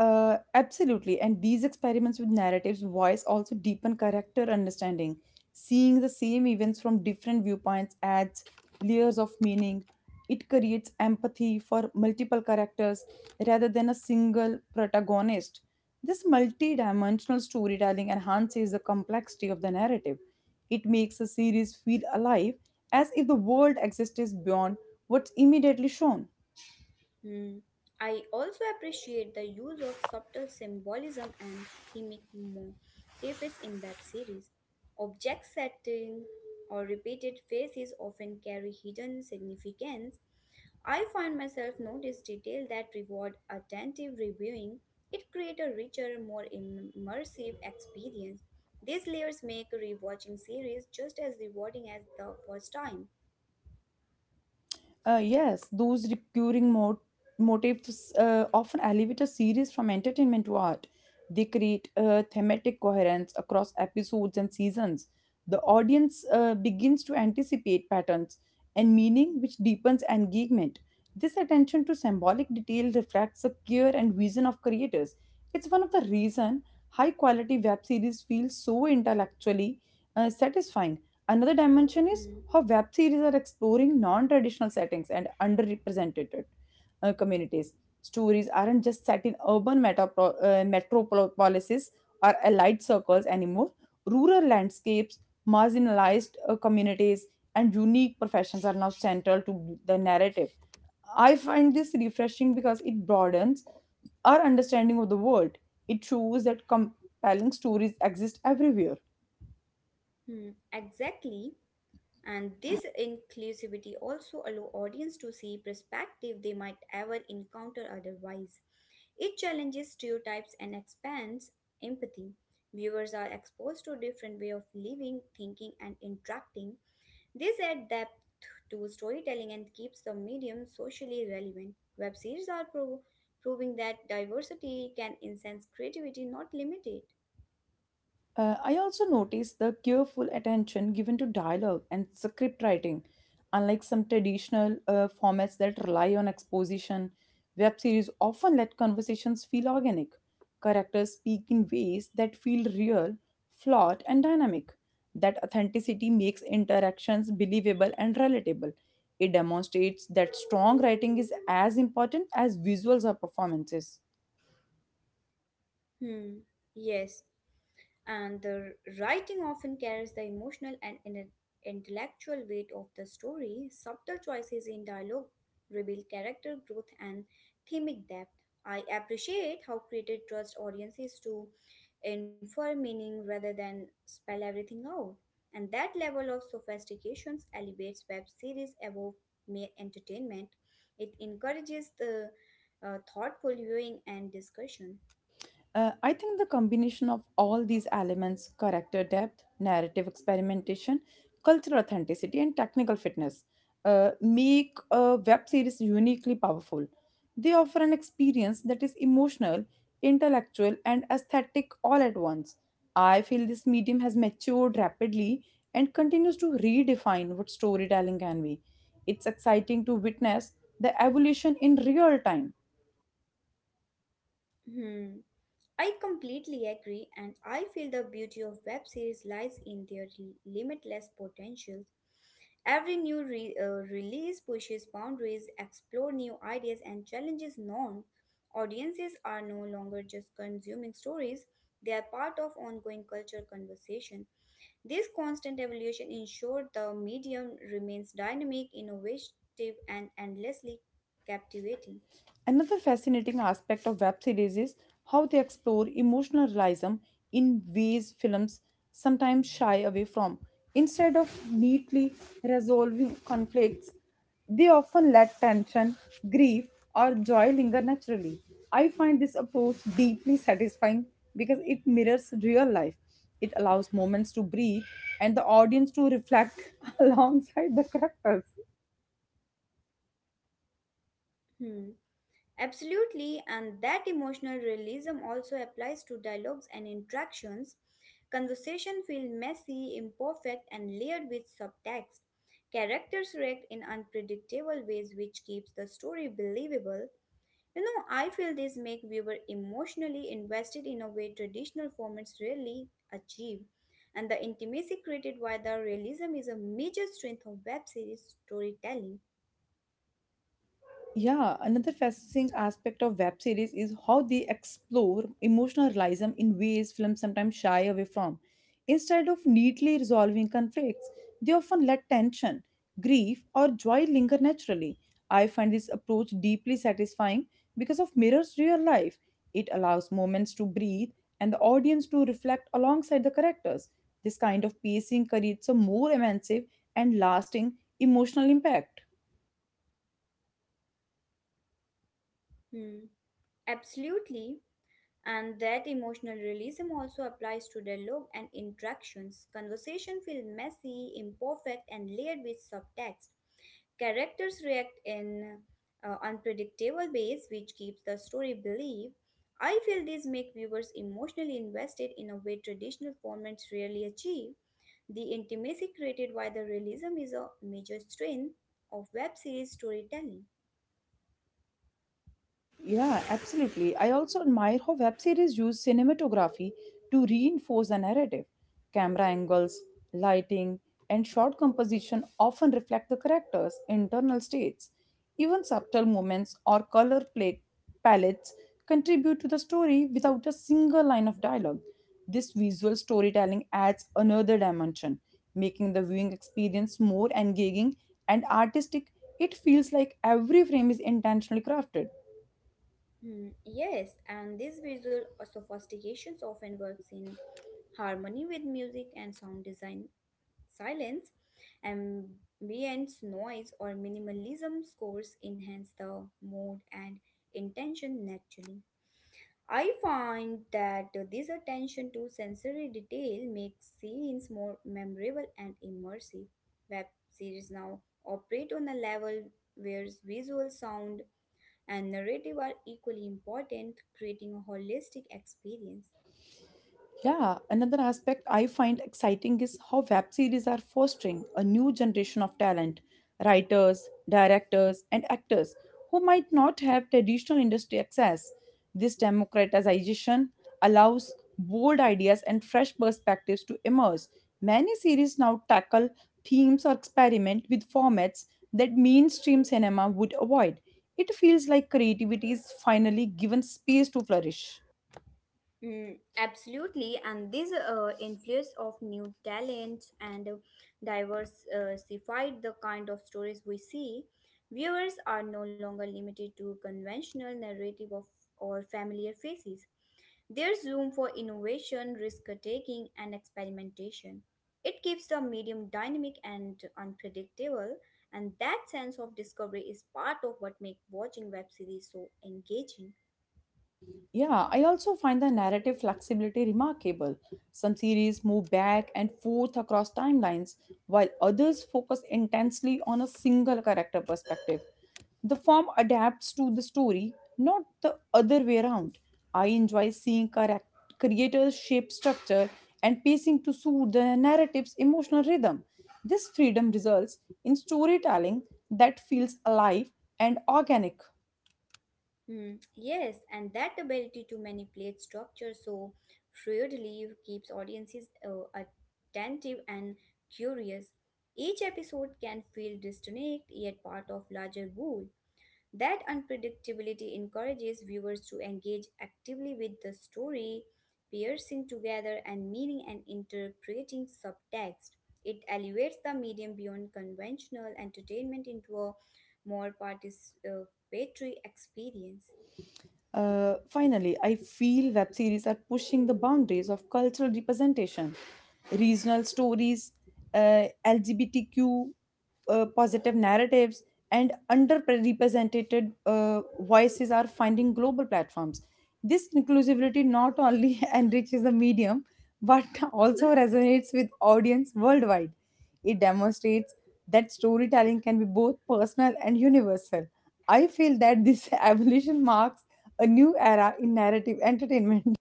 Speaker 1: Absolutely. And these experiments with narratives voice also deepen character understanding. Seeing the same events from different viewpoints adds layers of meaning. It creates empathy for multiple characters rather than a single protagonist. This multi-dimensional storytelling enhances the complexity of the narrative. It makes a series feel alive as if the world exists beyond what's immediately shown.
Speaker 2: hmm, I also appreciate the use of subtle symbolism and thematic motifs in web series. Object setting or repeated faces often carry hidden significance. I find myself notice detail that reward attentive reviewing. It creates a richer, more immersive experience. These layers make rewatching series just as rewarding as the first time.
Speaker 1: Yes, those recurring motifs often elevate a series from entertainment to art. They create thematic coherence across episodes and seasons. The audience begins to anticipate patterns and meaning, which deepens engagement. This attention to symbolic detail reflects the care and vision of creators. It's one of the reason high quality web series feel so intellectually satisfying. Another dimension is
Speaker 2: Hmm.
Speaker 1: how web series are exploring non traditional settings and underrepresented communities. Stories aren't just set in urban metropolises or allied circles anymore. Rural landscapes, marginalized communities, and unique professions are now central to the narrative. I find this refreshing because it broadens our understanding of the world. It shows that compelling stories exist everywhere.
Speaker 2: Hmm. Exactly. And this inclusivity also allow audience to see perspective they might ever encounter otherwise. It challenges stereotypes and expands empathy. Viewers are exposed to different way of living, thinking and interacting. This adds depth to storytelling and keeps the medium socially relevant. Web series are proving that diversity can enhance creativity, not limit it.
Speaker 1: I also noticed the careful attention given to dialogue and script writing, unlike some traditional formats that rely on exposition. Web series often let conversations feel organic. Characters speak in ways that feel real, flawed, and dynamic. That authenticity makes interactions believable and relatable. It demonstrates that strong writing is as important as visuals or performances.
Speaker 2: Hmm. Yes. And the writing often carries the emotional and intellectual weight of the story. Subtle choices in dialogue reveal character growth and themic depth. I appreciate how creators trust audiences to infer meaning rather than spell everything out, and that level of sophistication elevates web series above mere entertainment. It encourages the thoughtful viewing and discussion.
Speaker 1: I think the combination of all these elements character depth, narrative experimentation, cultural authenticity, and technical fitness make a web series uniquely powerful. They offer an experience that is emotional, intellectual, and aesthetic all at once. I feel this medium has matured rapidly and continues to redefine what storytelling can be. It's exciting to witness the evolution in real time.
Speaker 2: Hmm. I completely agree, and I feel the beauty of web series lies in their limitless potential. Every new release pushes boundaries, explore new ideas, and challenges norms. Audiences are no longer just consuming stories; they are part of ongoing cultural conversation. This constant evolution ensures the medium remains dynamic, innovative, and endlessly captivating.
Speaker 1: Another fascinating aspect of web series is how they explore emotional realism in ways films sometimes shy away from. Instead of neatly resolving conflicts, they often let tension, grief, or joy linger naturally. I find this approach deeply satisfying because it mirrors real life. It allows moments to breathe and the audience to reflect alongside the characters.
Speaker 2: Hmm. Absolutely, and that emotional realism also applies to dialogues and interactions. Conversation feel messy, imperfect, and layered with subtext. Characters react in unpredictable ways, which keeps the story believable. You know, I feel this make viewer emotionally invested in a way traditional formats rarely achieve, and the intimacy created by the realism is a major strength of web series storytelling.
Speaker 1: Yeah, another fascinating aspect of web series is how they explore emotional realism in ways films sometimes shy away from. Instead of neatly resolving conflicts, they often let tension, grief, or joy linger naturally. I find this approach deeply satisfying because of mirrors real life. It allows moments to breathe and the audience to reflect alongside the characters. This kind of pacing creates a more immersive and lasting emotional impact.
Speaker 2: Hmm, absolutely. And that emotional realism also applies to dialogue and interactions. Conversation feel messy, imperfect, and layered with subtext. Characters react in unpredictable ways, which keeps the story believable. I feel these make viewers emotionally invested in a way traditional formats rarely achieve. The intimacy created by the realism is a major strength of web series storytelling.
Speaker 1: Yeah, absolutely. I also admire how web series use cinematography to reinforce the narrative. Camera angles, lighting, and shot composition often reflect the characters' internal states. Even subtle movements or color plate palettes contribute to the story without a single line of dialogue. This visual storytelling adds another dimension, making the viewing experience more engaging and artistic. It feels like every frame is intentionally crafted.
Speaker 2: Hmm, yes, and this visual sophistications often works in harmony with music and sound design. Silence, ambience, noise, or minimalism scores enhance the mood and intention naturally. I find that this attention to sensory detail makes scenes more memorable and immersive. Web series now operate on a level where visual sound and narrative are equally important, creating a holistic experience.
Speaker 1: Yeah, another aspect I find exciting is how web series are fostering a new generation of talent, writers, directors, and actors who might not have traditional industry access. This democratization allows bold ideas and fresh perspectives to emerge. Many series now tackle themes or experiment with formats that mainstream cinema would avoid. It feels like creativity is finally given space to flourish.
Speaker 2: Mm, absolutely, and this influence of new talent and diversified the kind of stories we see. Viewers are no longer limited to conventional narrative of or familiar faces. There's room for innovation, risk taking, and experimentation. It keeps the medium dynamic and unpredictable, and that sense of discovery is part of what makes watching web series so engaging.
Speaker 1: Yeah, I also find the narrative flexibility remarkable. Some series move back and forth across timelines, while others focus intensely on a single character perspective. The form adapts to the story, not the other way around. I enjoy seeing creators shape structure and pacing to suit the narrative's emotional rhythm. This freedom results in storytelling that feels alive and organic.
Speaker 2: Hmm, yes, and that ability to manipulate structure so fluidly keeps audiences attentive and curious. Each episode can feel distinct yet part of larger whole. That unpredictability encourages viewers to engage actively with the story, piercing together and meaning and interpreting subtext. It elevates the medium beyond conventional entertainment into a more participatory experience.
Speaker 1: Finally, I feel web series are pushing the boundaries of cultural representation. Regional stories, LGBTQ positive narratives, and underrepresented voices are finding global platforms. This inclusivity not only enriches the medium but also resonates with audience worldwide. It demonstrates that storytelling can be both personal and universal. I feel that this evolution marks a new era in narrative entertainment.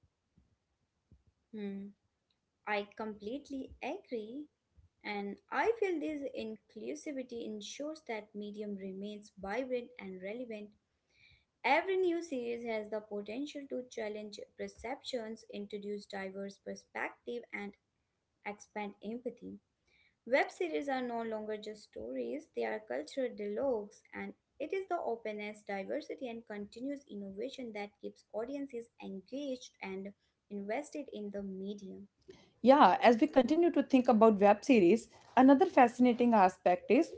Speaker 2: Hmm, I completely agree. And I feel this inclusivity ensures that medium remains vibrant and relevant. Every new series has the potential to challenge perceptions, introduce diverse perspective, and expand empathy. Web series are no longer just stories, they are cultural dialogues, and it is the openness, diversity, and continuous innovation that keeps audiences engaged and invested in the medium.
Speaker 1: Yeah, as we continue to think about web series, another fascinating aspect is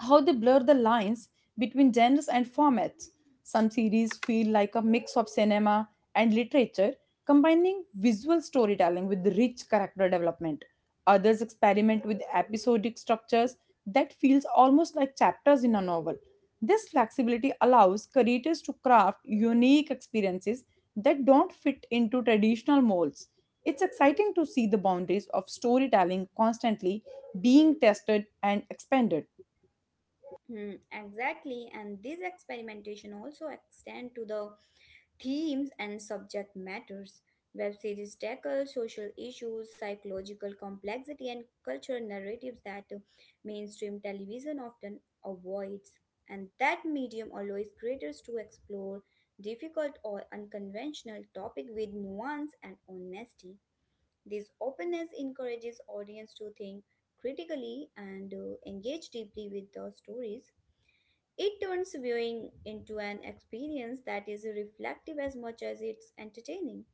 Speaker 1: how they blur the lines between genres and formats. Some series feel like a mix of cinema and literature, combining visual storytelling with rich character development. Others experiment with episodic structures that feels almost like chapters in a novel. This flexibility allows creators to craft unique experiences that don't fit into traditional molds. It's exciting to see the boundaries of storytelling constantly being tested and expanded.
Speaker 2: Hmm, exactly, and this experimentation also extend to the themes and subject matters. Web series tackle social issues, psychological complexity, and cultural narratives that mainstream television often avoids. And that medium allows creators to explore difficult or unconventional topic with nuance and honesty. This openness encourages audience to think critically and engage deeply with the stories. It turns viewing into an experience that is reflective as much as it's entertaining.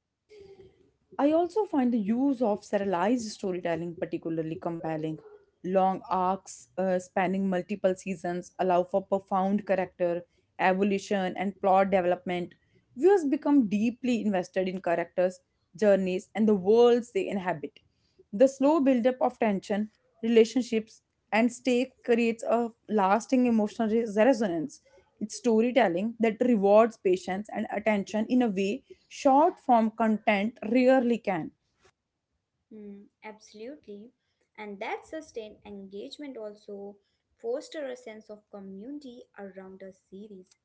Speaker 1: I also find the use of serialized storytelling particularly compelling. Long arcs spanning multiple seasons allow for profound character evolution and plot development. Viewers become deeply invested in characters, journeys, and the worlds they inhabit. The slow buildup of tension, relationships, and stake creates a lasting emotional resonance. It's storytelling that rewards patience and attention in a way short form content rarely can.
Speaker 2: Hmm, absolutely. And that sustained engagement also foster a sense of community around a series.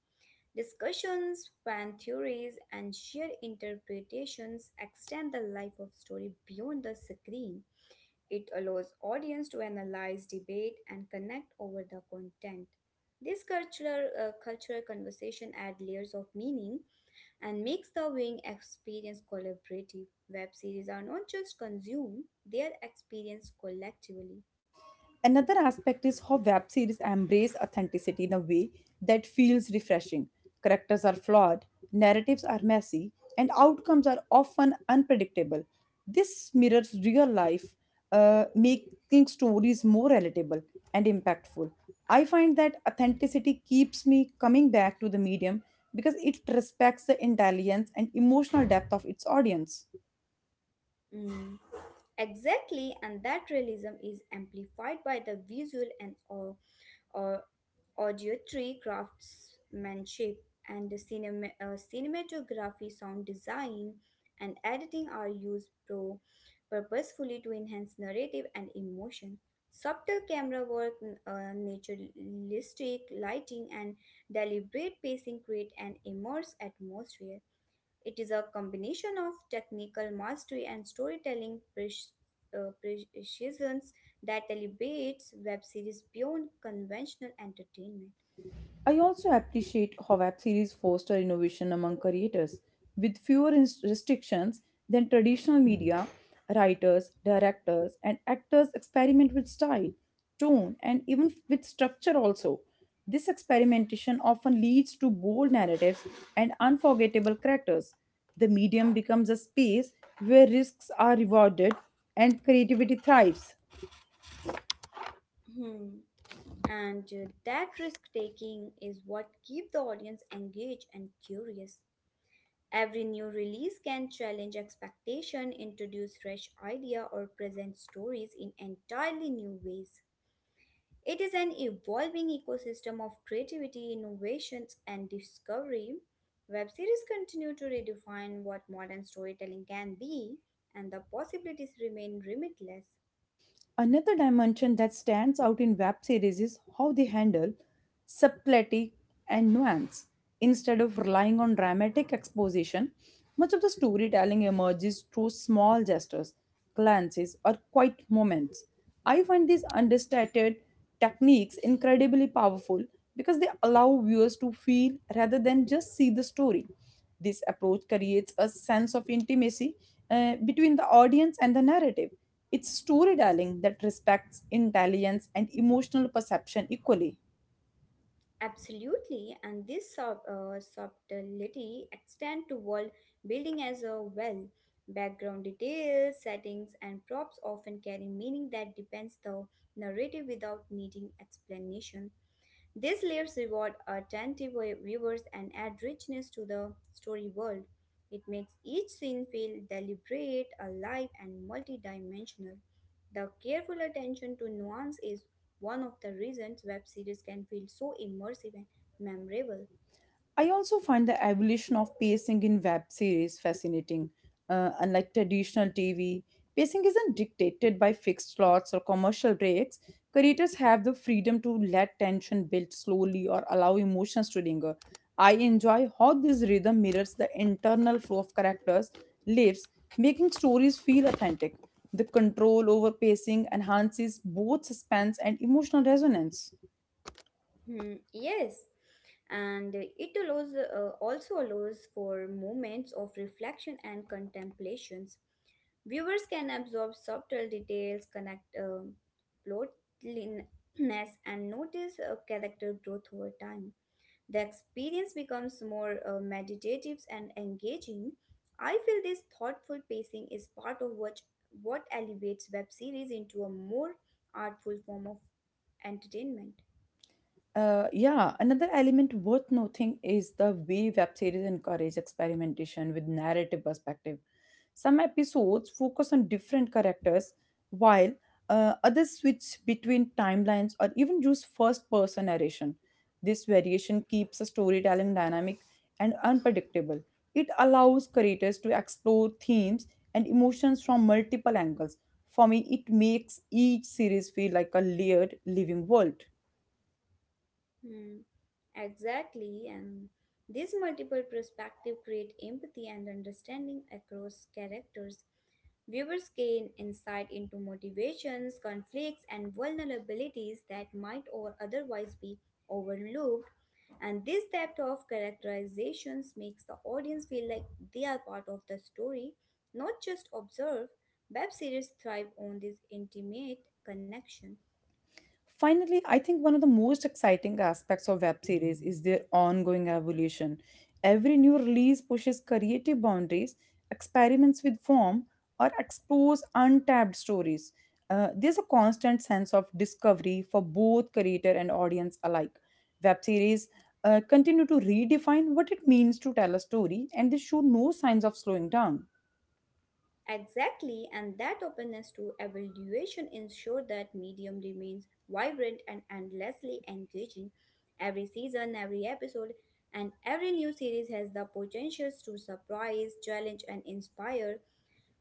Speaker 2: Discussions, fan theories, and shared interpretations extend the life of story beyond the screen. It allows audience to analyze, debate, and connect over the content. This cultural conversation add layers of meaning and makes the viewing experience collaborative. Web series are not just consumed, they are experienced collectively.
Speaker 1: Another aspect is how web series embrace authenticity in a way that feels refreshing. Characters are flawed, narratives are messy, and outcomes are often unpredictable. This mirrors real life, making stories more relatable and impactful. I find that authenticity keeps me coming back to the medium because it respects the intelligence and emotional depth of its audience.
Speaker 2: Mm. Exactly, and that realism is amplified by the visual and or, audio tree craftsmanship, and the cinematography sound design and editing are used pro purposefully to enhance narrative and emotion. Subtle camera work, naturalistic lighting and deliberate pacing create an immersive atmosphere. It is a combination of technical mastery and storytelling uh, precisions that elevates web series beyond conventional entertainment.
Speaker 1: I also appreciate how web series foster innovation among creators. With fewer restrictions than traditional media, writers, directors, and actors experiment with style, tone, and even with structure also. This experimentation often leads to bold narratives and unforgettable characters. The medium becomes a space where risks are rewarded and creativity thrives.
Speaker 2: Hmm. And that risk taking is what keep the audience engaged and curious. Every new release can challenge expectation, introduce fresh idea or present stories in entirely new ways. It is an evolving ecosystem of creativity, innovations and discovery. Web series continue to redefine what modern storytelling can be and the possibilities remain limitless.
Speaker 1: Another dimension that stands out in web series is how they handle subtlety and nuance. Instead of relying on dramatic exposition, much of the storytelling emerges through small gestures, glances, or quiet moments. I find these understated techniques incredibly powerful because they allow viewers to feel rather than just see the story. This approach creates a sense of intimacy between the audience and the narrative. It's storytelling that respects intelligence and emotional perception equally.
Speaker 2: Absolutely, and this subtlety extend to world building as well. Background details, settings, and props often carry meaning that depends the narrative without needing explanation. These layers reward attentive viewers and add richness to the story world. It makes each scene feel deliberate, alive, and multidimensional. The careful attention to nuance is one of the reasons web series can feel so immersive and memorable.
Speaker 1: I also find the evolution of pacing in web series fascinating. Unlike traditional TV, pacing isn't dictated by fixed slots or commercial breaks. Creators have the freedom to let tension build slowly or allow emotions to linger. I enjoy how this rhythm mirrors the internal flow of characters' lives, making stories feel authentic. The control over pacing enhances both suspense and emotional resonance.
Speaker 2: Hmm, yes, and it allows also allows for moments of reflection and contemplations. Viewers can absorb subtle details, connect plotliness, and notice character growth over time. The experience becomes more meditative and engaging. I feel this thoughtful pacing is part of what elevates web series into a more artful form of entertainment.
Speaker 1: Yeah, another element worth noting is the way web series encourage experimentation with narrative perspective. Some episodes focus on different characters, while others switch between timelines or even use first person narration. This variation keeps the storytelling dynamic and unpredictable. It allows creators to explore themes and emotions from multiple angles. For me, it makes each series feel like a layered living world.
Speaker 2: Hmm. Exactly, and these multiple perspectives create empathy and understanding across characters. Viewers gain insight into motivations, conflicts, and vulnerabilities that might or otherwise be overlooked, and this depth of characterizations makes the audience feel like they are part of the story, not just observe. Web series thrive on this intimate connection.
Speaker 1: Finally, I think one of the most exciting aspects of web series is their ongoing evolution. Every new release pushes creative boundaries, experiments with form, or explores untapped stories. There's a constant sense of discovery for both creator and audience alike. Web series continue to redefine what it means to tell a story, and they show no signs of slowing down.
Speaker 2: Exactly, and that openness to evaluation ensures that medium remains vibrant and endlessly engaging. Every season, every episode, and every new series has the potentials to surprise, challenge, and inspire.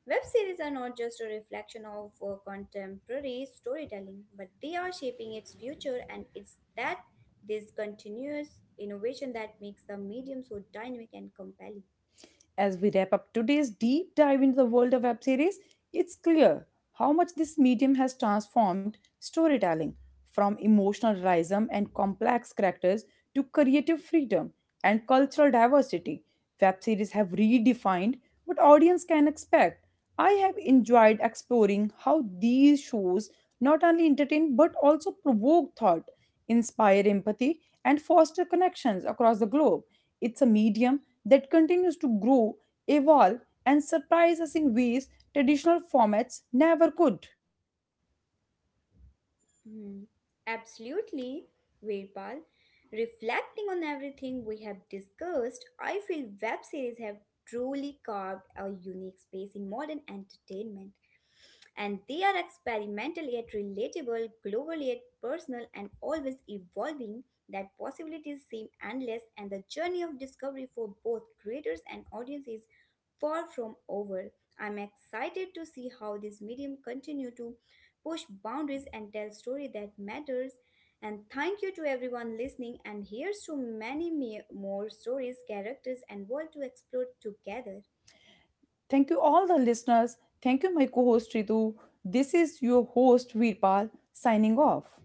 Speaker 2: Web series are not just a reflection of contemporary storytelling, but they are shaping its future, and it's that this continuous innovation that makes the medium so dynamic and compelling.
Speaker 1: As we wrap up today's deep dive into the world of web series, it's clear how much this medium has transformed storytelling from emotional realism and complex characters to creative freedom and cultural diversity. Web series have redefined what audience can expect. I have enjoyed exploring how these shows not only entertain but also provoke thought inspire empathy, and foster connections across the globe. It's a medium that continues to grow, evolve, and surprise us in ways traditional formats never could.
Speaker 2: Hmm, absolutely, Virpal. Reflecting on everything we have discussed, I feel web series have truly carved a unique space in modern entertainment and they are experimental yet global yet personal, and always evolving. That possibilities seem endless, and the journey of discovery for both creators and audiences is far from over. I'm excited to see how this medium continue to push boundaries and tell story that matters. And thank you to everyone listening. And here's to many more stories, characters, and world to explore together.
Speaker 1: Thank you, all the listeners. Thank you, my co host Ritu. This is your host, Veerpal, signing off.